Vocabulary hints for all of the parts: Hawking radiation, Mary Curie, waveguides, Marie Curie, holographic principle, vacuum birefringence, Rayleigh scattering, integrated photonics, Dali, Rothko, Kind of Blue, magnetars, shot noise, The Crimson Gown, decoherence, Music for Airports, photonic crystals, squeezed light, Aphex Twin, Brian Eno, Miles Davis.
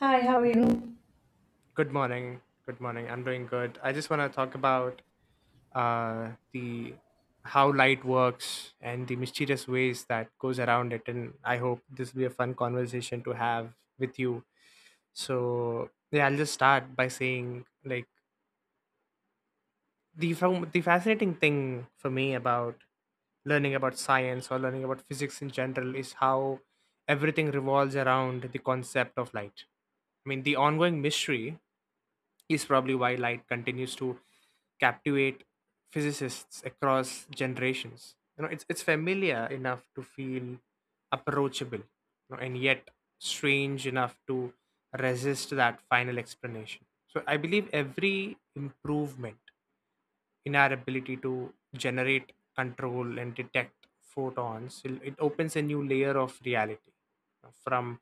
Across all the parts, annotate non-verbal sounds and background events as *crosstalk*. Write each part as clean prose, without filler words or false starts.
Hi, how are you? Good morning. Good morning. I'm doing good. I just want to talk about the how light works and the mysterious ways that goes around it. And I hope this will be a fun conversation to have with you. So yeah, I'll just start by saying like the fascinating thing for me about learning about science or learning about physics in general is how everything revolves around the concept of light. I mean, the ongoing mystery is probably why light continues to captivate physicists across generations. You know, it's familiar enough to feel approachable, and yet strange enough to resist that final explanation. So I believe every improvement in our ability to generate, control, and detect photons, it opens a new layer of reality, you know, from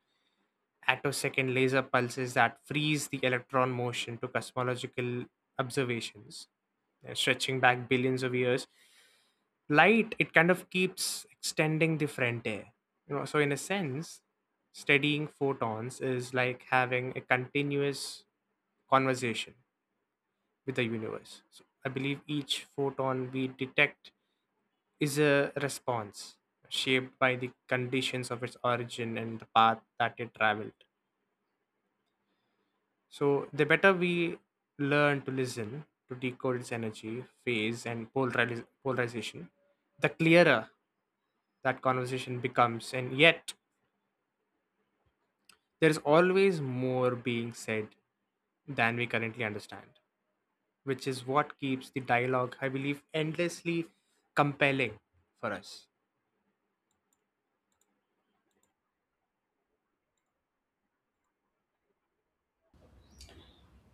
attosecond laser pulses that freeze the electron motion to cosmological observations, stretching back billions of years. Light, it kind of keeps extending the frontier. You know, so in a sense, studying photons is like having a continuous conversation with the universe. So I believe each photon we detect is a response shaped by the conditions of its origin and the path that it traveled. So the better we learn to listen, to decode its energy, phase, and polarization, the clearer that conversation becomes. And yet, there is always more being said than we currently understand, which is what keeps the dialogue, I believe, endlessly compelling for us.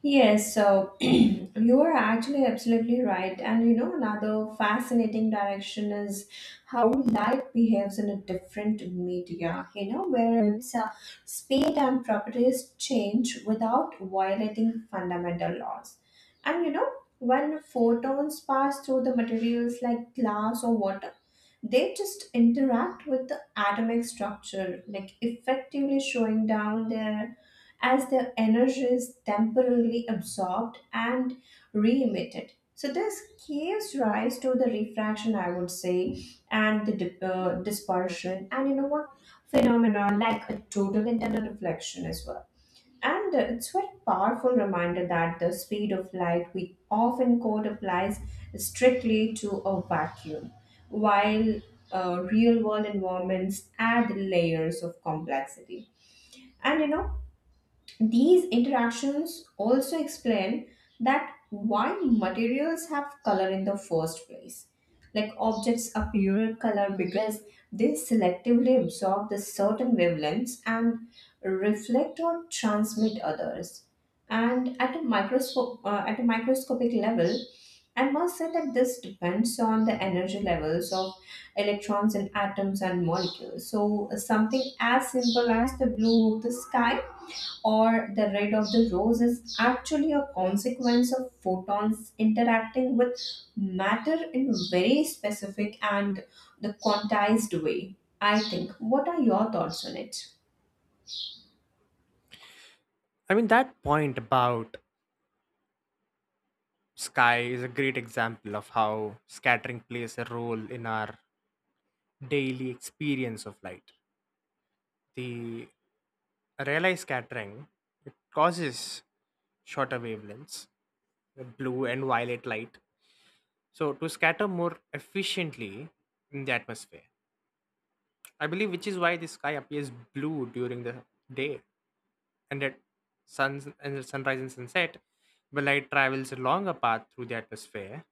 Yes, so *clears throat* you are actually absolutely right. And you know, another fascinating direction is how light behaves in a different media, you know, whereas speed and properties change without violating fundamental laws. And you know, when photons pass through the materials like glass or water, they just interact with the atomic structure, like effectively showing down their as the energy is temporarily absorbed and re-emitted. So this gives rise to the refraction, I would say, and the dispersion, and you know what phenomena like a total internal reflection as well. And it's very powerful reminder that the speed of light we often quote applies strictly to a vacuum, while real world environments add layers of complexity. And you know, these interactions also explain that why materials have color in the first place. Like objects appear color because they selectively absorb the certain wavelengths and reflect or transmit others. And at a microscopic level, I must say that this depends on the energy levels of electrons in atoms and molecules. So something as simple as the blue of the sky or the red of the rose is actually a consequence of photons interacting with matter in very specific and the quantized way. I think, what are your thoughts on it? I mean, that point about sky is a great example of how scattering plays a role in our daily experience of light. The Rayleigh scattering, it causes shorter wavelengths, the blue and violet light, so to scatter more efficiently in the atmosphere. I believe which is why the sky appears blue during the day, and at suns and at sunrise and sunset, the light travels a longer path through the atmosphere,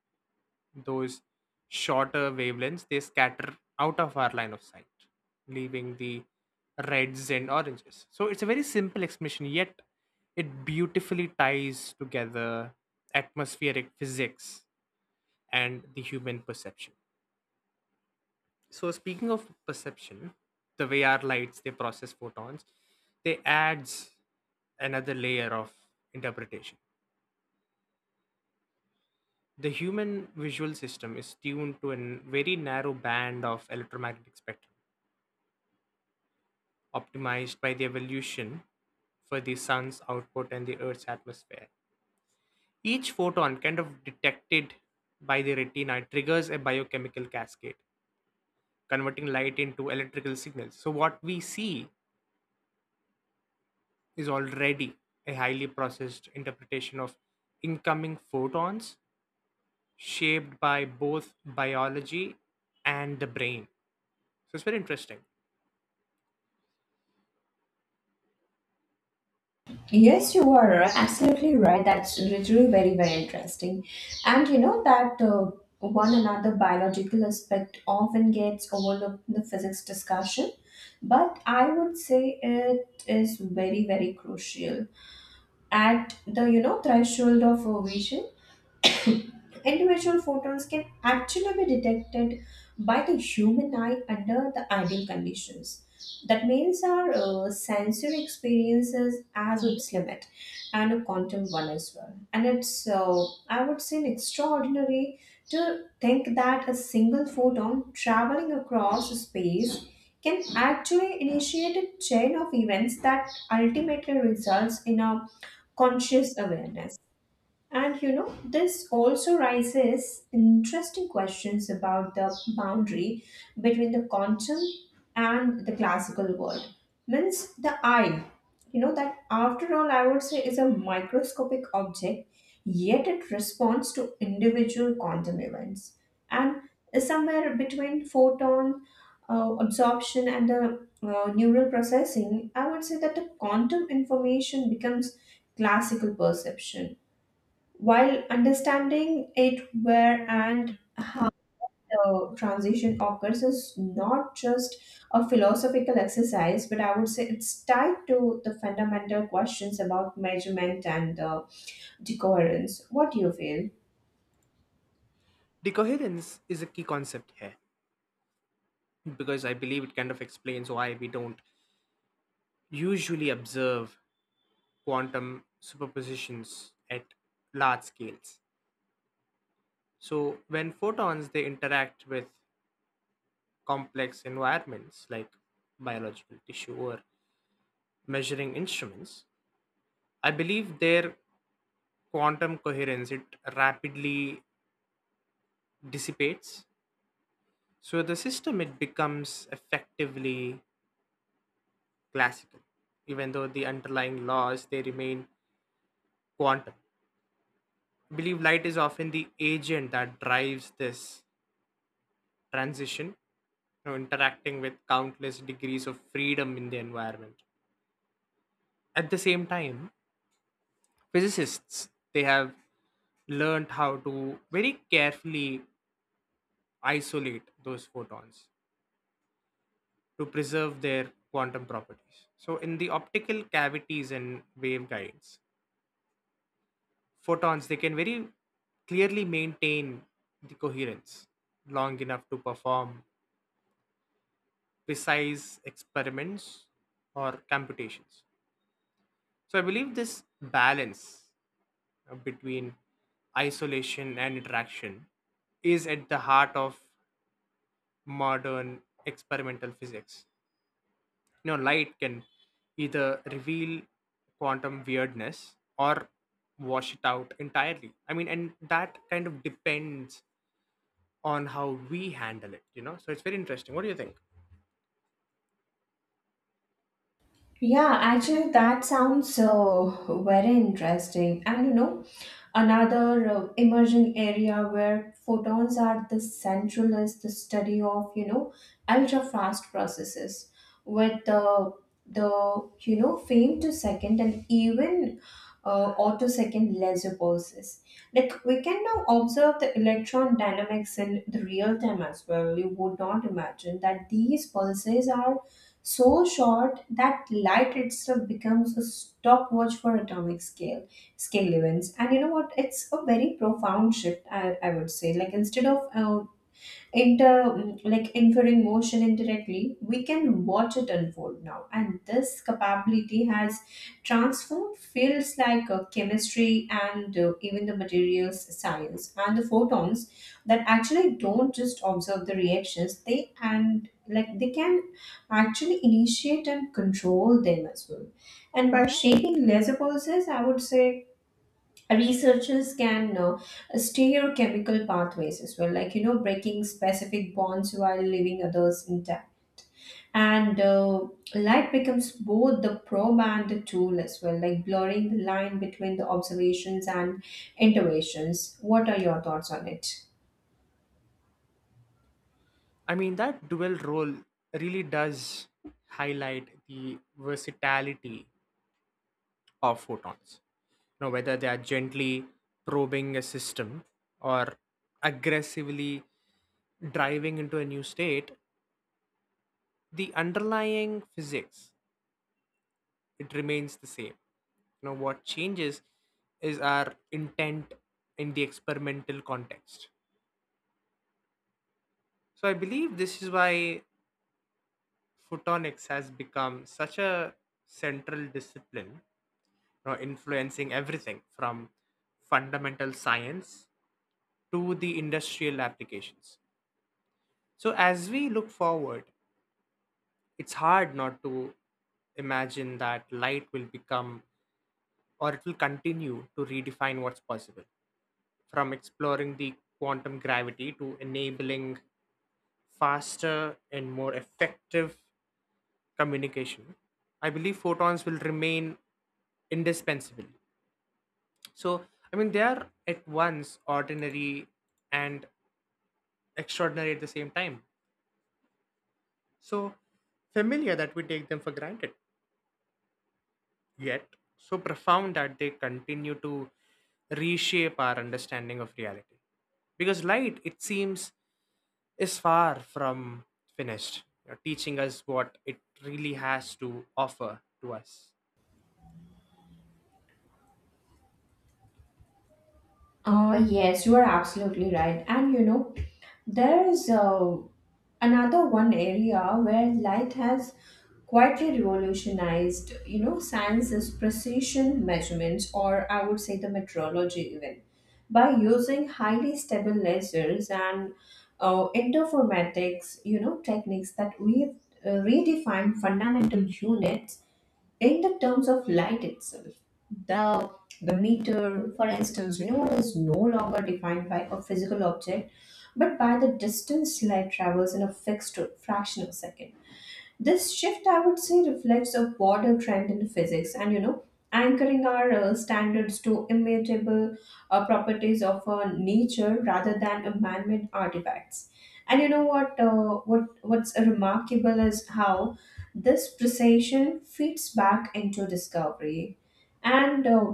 those shorter wavelengths they scatter out of our line of sight, leaving the reds and oranges. So it's a very simple explanation, yet it beautifully ties together atmospheric physics and the human perception. So speaking of perception, the way our lights they process photons, they adds another layer of interpretation. The human visual system is tuned to a very narrow band of electromagnetic spectrum, optimized by the evolution for the sun's output and the earth's atmosphere. Each photon, kind of detected by the retina, triggers a biochemical cascade, converting light into electrical signals. So, what we see is already a highly processed interpretation of incoming photons, shaped by both biology and the brain. So, it's very interesting. Yes, you are absolutely right. That's literally very, very interesting. And you know that one another biological aspect often gets overlooked in the physics discussion, but I would say it is very, very crucial at the, you know, threshold of ovation. Individual photons can actually be detected by the human eye under the ideal conditions. That means our sensory experiences as its limit and a quantum one as well. And it's, I would say, an extraordinary to think that a single photon traveling across space can actually initiate a chain of events that ultimately results in a conscious awareness. And you know, this also raises interesting questions about the boundary between the quantum and the classical world. Means the eye, you know, that after all, I would say is a microscopic object, yet it responds to individual quantum events. And somewhere between photon absorption and the neural processing, I would say that the quantum information becomes classical perception, while understanding it where and the transition occurs is not just a philosophical exercise, but I would say it's tied to the fundamental questions about measurement and decoherence. What do you feel? Decoherence is a key concept here because I believe it kind of explains why we don't usually observe quantum superpositions at large scales. So when photons they interact with complex environments like biological tissue or measuring instruments, I believe their quantum coherence it rapidly dissipates. So the system it becomes effectively classical, even though the underlying laws they remain quantum. I believe light is often the agent that drives this transition, you know, interacting with countless degrees of freedom in the environment. At the same time, physicists they have learned how to very carefully isolate those photons to preserve their quantum properties. So in the optical cavities and waveguides, photons they can very clearly maintain the coherence long enough to perform precise experiments or computations. So I believe this balance between isolation and interaction is at the heart of modern experimental physics. You know, light can either reveal quantum weirdness or wash it out entirely. I mean, and that kind of depends on how we handle it, you know? So it's very interesting. What do you think? Yeah, actually, that sounds very interesting. And you know, another emerging area where photons are the central is the study of, you know, ultra fast processes with the, you know, frame to second and even autosecond laser pulses. Like we can now observe the electron dynamics in the real time as well. You would not imagine that these pulses are so short that light itself becomes a stopwatch for atomic scale scale events. And you know what? It's a very profound shift, I would say. Like instead of inter mm, like inferring motion indirectly, we can watch it unfold now, and this capability has transformed fields like chemistry and even the materials science, and the photons that actually don't just observe the reactions, they can actually initiate and control them as well. And by shaping laser pulses, I would say researchers can steer chemical pathways as well, like, you know, breaking specific bonds while leaving others intact. And light becomes both the probe and the tool as well, like blurring the line between the observations and interventions. What are your thoughts on it? I mean, that dual role really does highlight the versatility of photons. You know, whether they are gently probing a system or aggressively driving into a new state, the underlying physics it remains the same. You know what changes is our intent in the experimental context. So I believe this is why photonics has become such a central discipline, you know, influencing everything from fundamental science to the industrial applications. So, as we look forward, it's hard not to imagine that light will become or it will continue to redefine what's possible, from exploring the quantum gravity to enabling faster and more effective communication. I believe photons will remain indispensable. So, I mean, they are at once ordinary and extraordinary at the same time, so familiar that we take them for granted, yet so profound that they continue to reshape our understanding of reality. Because light, it seems, is far from finished, you know, teaching us what it really has to offer to us. Yes, you are absolutely right. And you know, there's another one area where light has quietly revolutionized, you know, science is precision measurements, or I would say the metrology even. By using highly stable lasers and interferomatics, you know, techniques that we redefine fundamental units in the terms of light itself. The the meter, for instance, you know, is no longer defined by a physical object, but by the distance light travels in a fixed fraction of a second. This shift, I would say, reflects a broader trend in physics, and, you know, anchoring our standards to immutable properties of nature rather than a man-made artifacts. And you know what, what's remarkable is how this precision feeds back into discovery. And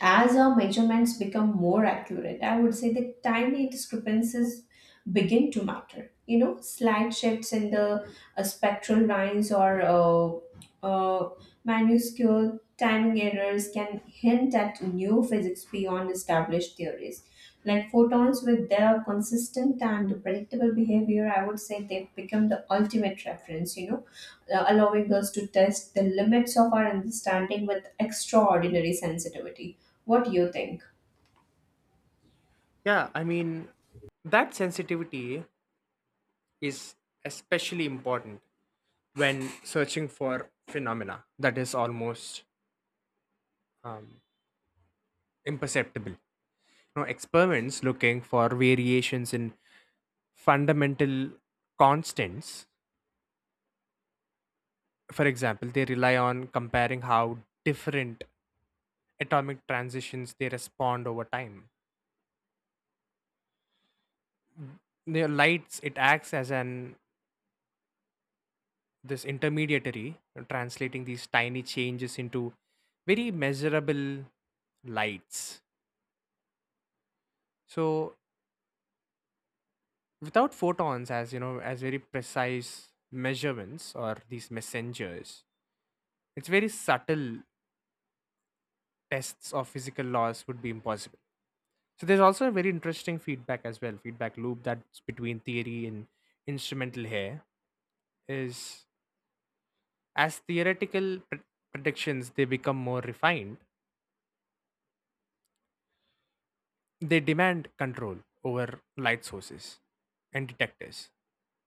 as our measurements become more accurate, I would say the tiny discrepancies begin to matter. You know, slight shifts in the spectral lines or minuscule timing errors can hint at new physics beyond established theories. Like photons, with their consistent and predictable behavior, I would say they've become the ultimate reference, you know, allowing us to test the limits of our understanding with extraordinary sensitivity. What do you think? Yeah, I mean, that sensitivity is especially important when searching for phenomena that is almost um, imperceptible. Know, experiments looking for variations in fundamental constants. For example, they rely on comparing how different atomic transitions they respond over time. The lights it acts as an this intermediary, translating these tiny changes into very measurable lights. So without photons as you know as very precise measurements or these messengers, it's very subtle tests of physical laws would be impossible. So there's also a very interesting feedback as well, feedback loop that's between theory and instrumental here is as theoretical predictions they become more refined, they demand control over light sources and detectors.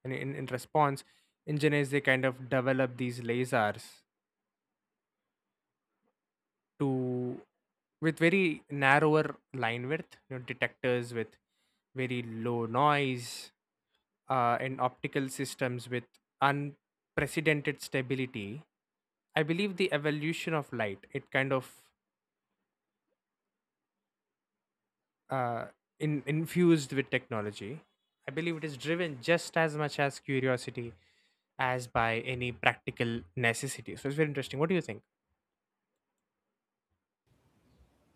And in response, engineers they kind of develop these lasers to with very narrower line width, you know, detectors with very low noise, and optical systems with unprecedented stability. I believe the evolution of light, it kind of uh, infused with technology. I believe it is driven just as much as curiosity as by any practical necessity. So it's very interesting. What do you think?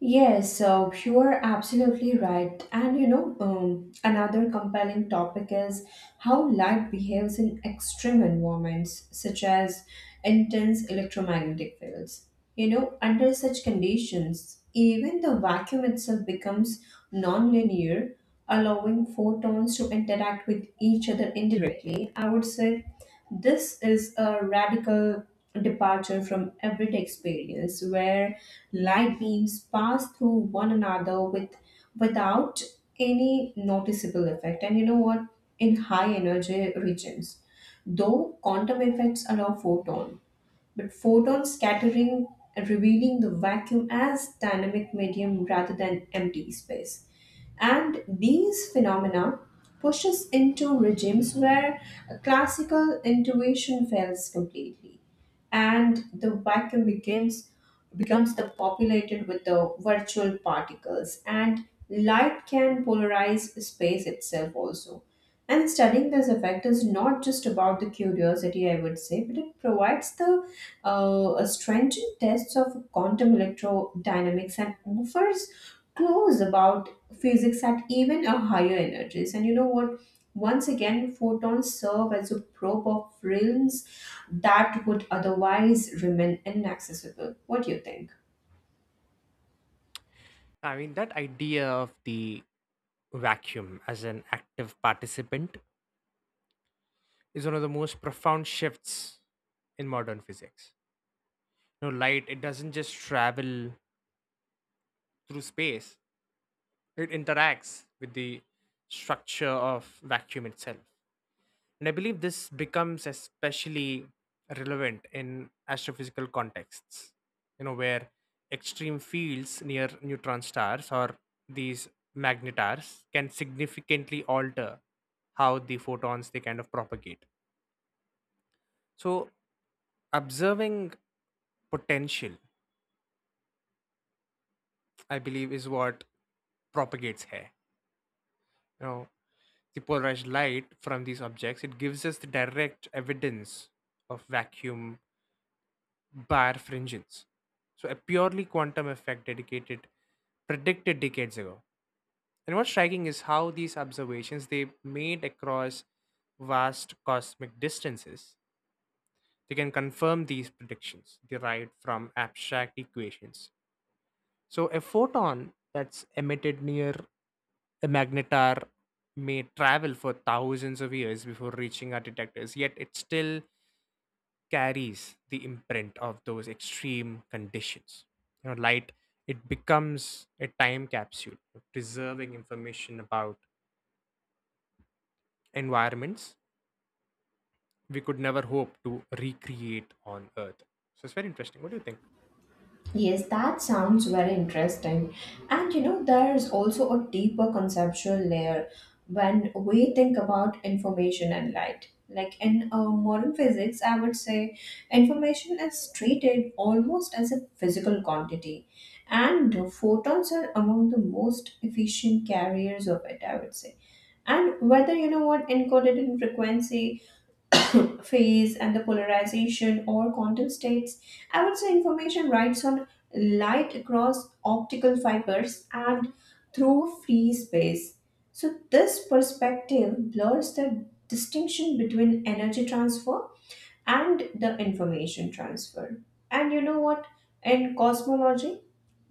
Yes, so you're absolutely right. And you know, another compelling topic is how light behaves in extreme environments, such as intense electromagnetic fields. You know, under such conditions, even the vacuum itself becomes nonlinear, allowing photons to interact with each other indirectly. I would say this is a radical departure from everyday experience where light beams pass through one another without any noticeable effect. And you know what? In high energy regions, though quantum effects allow photon scattering, revealing the vacuum as dynamic medium rather than empty space. And these phenomena push us into regimes where classical intuition fails completely, and the vacuum begins becomes the populated with the virtual particles, and light can polarize space itself also. And studying this effect is not just about the curiosity, I would say, but it provides the stringent tests of quantum electrodynamics and offers clues about physics at even a higher energies. And you know what? Once again, photons serve as a probe of realms that would otherwise remain inaccessible. What do you think? I mean, that idea of the vacuum as an active participant is one of the most profound shifts in modern physics. You know, light, it doesn't just travel through space, it interacts with the structure of vacuum itself. And I believe this becomes especially relevant in astrophysical contexts, you know, where extreme fields near neutron stars or these magnetars can significantly alter how the photons they kind of propagate. So observing potential, I believe, is what propagates hair. You know, the polarized light from these objects, it gives us the direct evidence of vacuum bar fringence. So, a purely quantum effect dedicated predicted decades ago. And what's striking is how these observations they made across vast cosmic distances, they can confirm these predictions derived from abstract equations. So a photon that's emitted near the magnetar may travel for thousands of years before reaching our detectors, yet it still carries the imprint of those extreme conditions. You know, light it becomes a time capsule, preserving information about environments we could never hope to recreate on Earth. So it's very interesting. What do you think? Yes, that sounds very interesting. And you know, there is also a deeper conceptual layer when we think about information and light. Like in modern physics, I would say information is treated almost as a physical quantity, and photons are among the most efficient carriers of it, I would say. And whether, you know what, encoded in frequency, *clears throat* phase and the polarization or quantum states. I would say information rides on light across optical fibers and through free space. So, this perspective blurs the distinction between energy transfer and the information transfer. And you know what? In cosmology,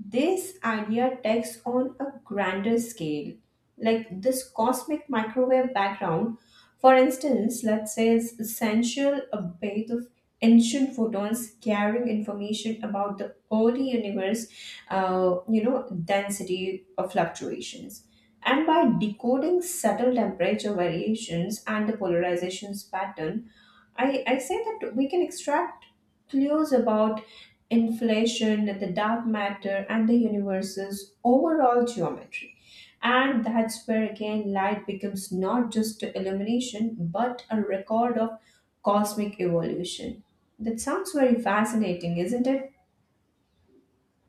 this idea takes on a grander scale. Like this cosmic microwave background, for instance, let's say is essential a bit of ancient photons carrying information about the early universe, you know, density of fluctuations. And by decoding subtle temperature variations and the polarizations pattern, I say that we can extract clues about inflation, the dark matter, and the universe's overall geometry. And that's where again light becomes not just illumination but a record of cosmic evolution. That sounds very fascinating, isn't it?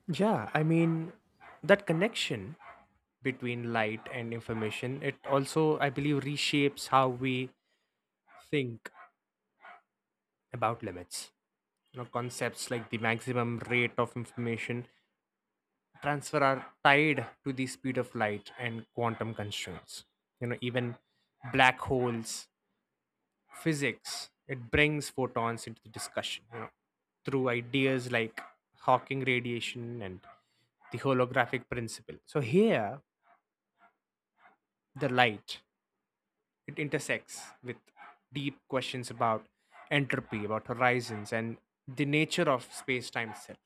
Yeah, I mean that connection between light and information it also I believe reshapes how we think about limits. You know, concepts like the maximum rate of information transfer are tied to the speed of light and quantum constraints. You know, even black holes, physics, it brings photons into the discussion, you know, through ideas like Hawking radiation and the holographic principle. So here, the light it intersects with deep questions about entropy, about horizons, and the nature of space-time itself.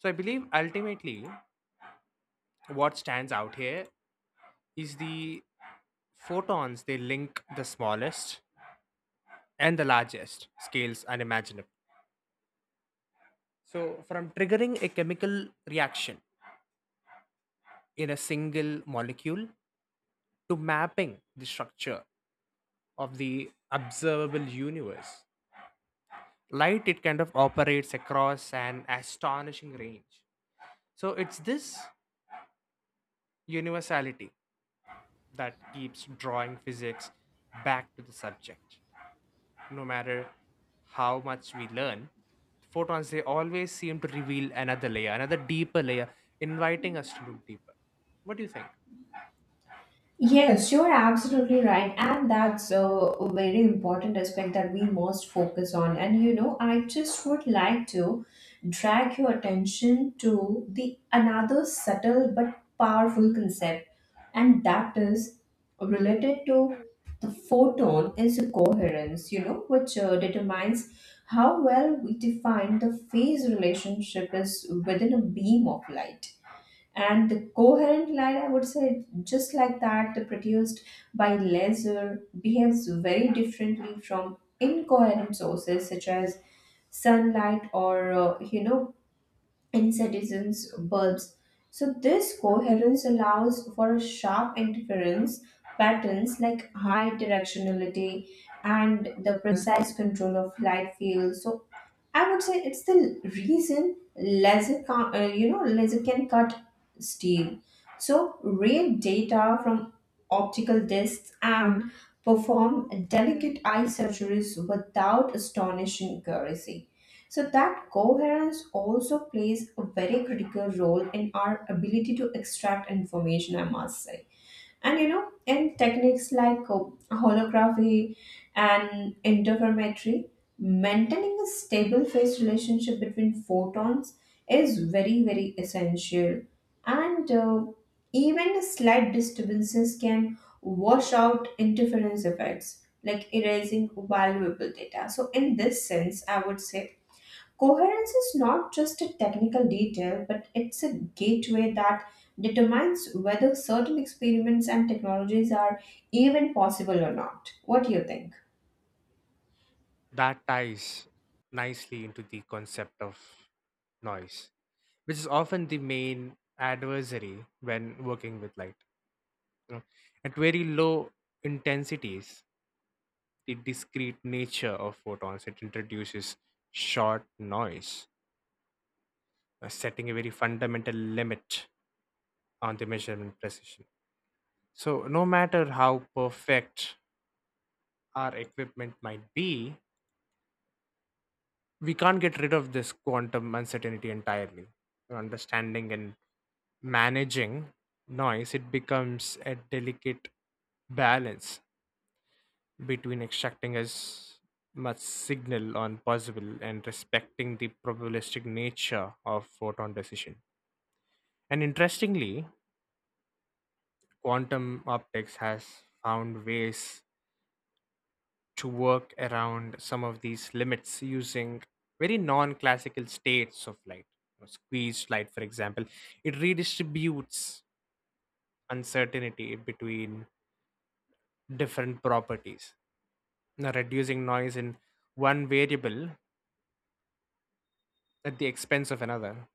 So I believe ultimately what stands out here is the photons they link the smallest and the largest scales unimaginable. So from triggering a chemical reaction in a single molecule to mapping the structure of the observable universe, light it kind of operates across an astonishing range. So it's this universality that keeps drawing physics back to the subject. No matter how much we learn, photons they always seem to reveal another layer, another deeper layer, inviting us to look deeper. What do you think? Yes, you're absolutely right. And that's a very important aspect that we must focus on. And you know, I just would like to drag your attention to the another subtle but powerful concept, and that is related to the photon is coherence, you know, which determines how well we define the phase relationship is within a beam of light, and the coherent line, I would say, just like that produced by laser behaves very differently from incoherent sources such as sunlight or, you know, incandescent bulbs. So this coherence allows for a sharp interference patterns, like high directionality and the precise control of light fields. So I would say it's the reason laser, you know, laser can cut steel. So read data from optical discs and. Mhm. Perform delicate eye surgeries without astonishing accuracy. So that coherence also plays a very critical role in our ability to extract information, I must say. And you know, in techniques like holography and interferometry, maintaining a stable phase relationship between photons is very, very essential. And even slight disturbances can wash out interference effects, like erasing valuable data. So, in this sense, I would say coherence is not just a technical detail, but it's a gateway that determines whether certain experiments and technologies are even possible or not. What do you think? That ties nicely into the concept of noise, which is often the main adversary when working with light, you know. At very low intensities, the discrete nature of photons it introduces short noise, setting a very fundamental limit on the measurement precision. So, no matter how perfect our equipment might be, we can't get rid of this quantum uncertainty entirely. Understanding and managing noise, it becomes a delicate balance between extracting as much signal on possible and respecting the probabilistic nature of photon decision. And interestingly, quantum optics has found ways to work around some of these limits using very non-classical states of light. You know, squeezed light, for example, it redistributes uncertainty between different properties, you reducing noise in one variable at the expense of another.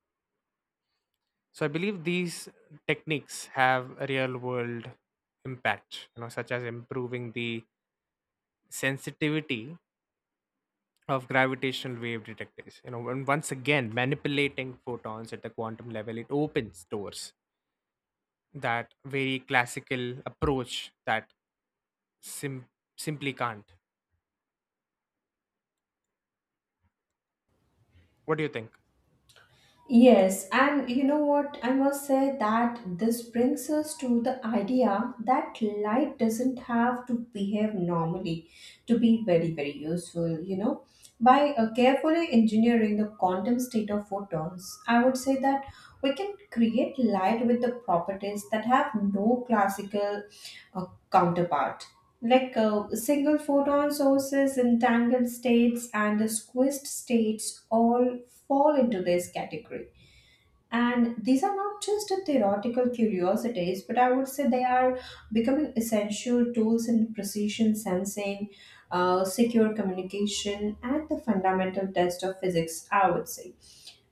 So I believe these techniques have a real-world impact, you know, such as improving the sensitivity of gravitational wave detectors. You know, and once again, manipulating photons at the quantum level, it opens doors that very classical approach that sim- simply can't. What do you think? Yes, and you know what? I must say that this brings us to the idea that light doesn't have to behave normally to be very, very useful, you know. By carefully engineering the quantum state of photons, I would say that we can create light with the properties that have no classical counterpart. Like single photon sources, entangled states, and the squished states all fall into this category. And these are not just a theoretical curiosities, but I would say they are becoming essential tools in precision sensing, secure communication, and the fundamental test of physics, I would say.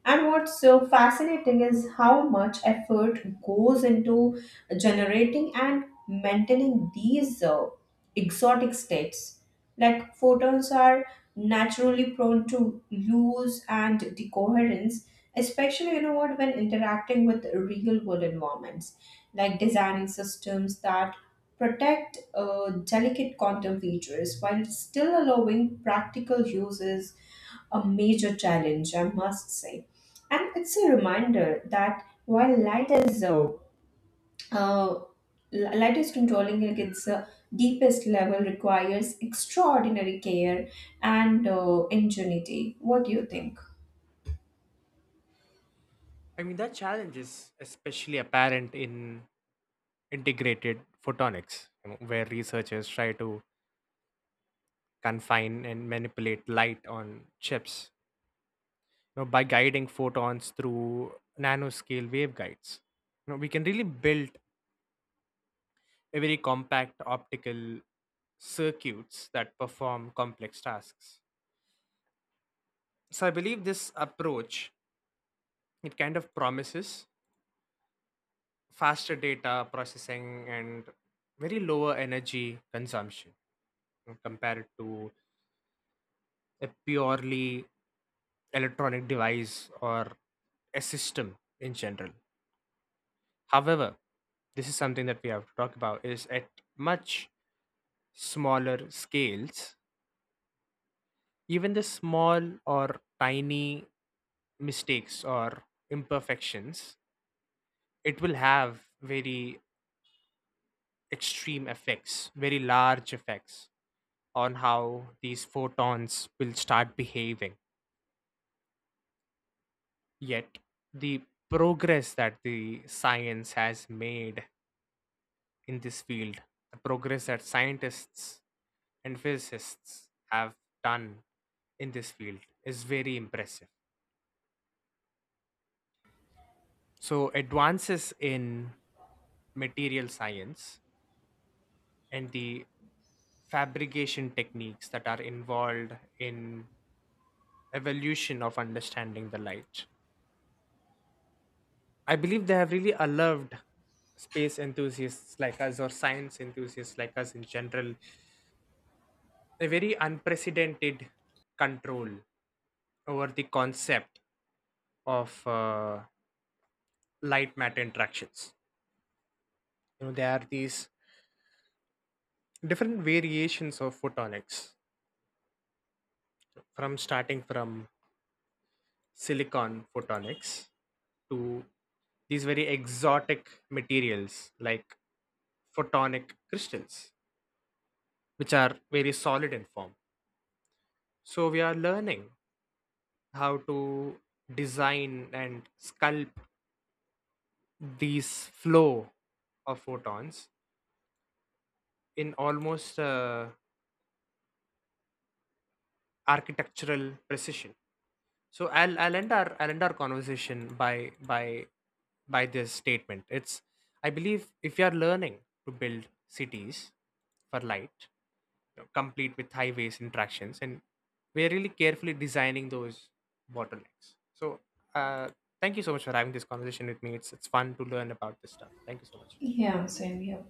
And what's so fascinating is how much effort goes into generating and maintaining these exotic states. Like photons are naturally prone to lose and decoherence, especially, you know what, when interacting with real world environments. Like designing systems that protect delicate quantum features while still allowing practical uses a major challenge, I must say. And it's a reminder that while uh, light is controlling at its deepest level requires extraordinary care and ingenuity. What do you think? I mean, that challenge is especially apparent in integrated photonics, you know, where researchers try to confine and manipulate light on chips, you know, by guiding photons through nanoscale waveguides. You know, we can really build a very compact optical circuits that perform complex tasks. So I believe this approach it kind of promises faster data processing and very lower energy consumption, you know, compared to a purely electronic device or a system in general. However, this is something that we have to talk about is at much smaller scales even the small or tiny mistakes or imperfections, it will have very extreme effects, very large effects on how these photons will start behaving. Yet, the progress that the science has made in this field, the progress that scientists and physicists have done in this field, is very impressive. So, advances in material science and the fabrication techniques that are involved in evolution of understanding the light. I believe they have really allowed space enthusiasts like us or science enthusiasts like us in general a very unprecedented control over the concept of light matter interactions. You know, there are these different variations of photonics from starting from silicon photonics to these very exotic materials like photonic crystals, which are very solid in form. So we are learning how to design and sculpt these flow of photons in almost architectural precision. So I'll end our conversation by this statement. It's I believe if you are learning to build cities for light, you know, complete with highways interactions, and we're really carefully designing those bottlenecks. So uh, thank you so much for having this conversation with me. It's fun to learn about this stuff. Thank you so much. Yeah, same here.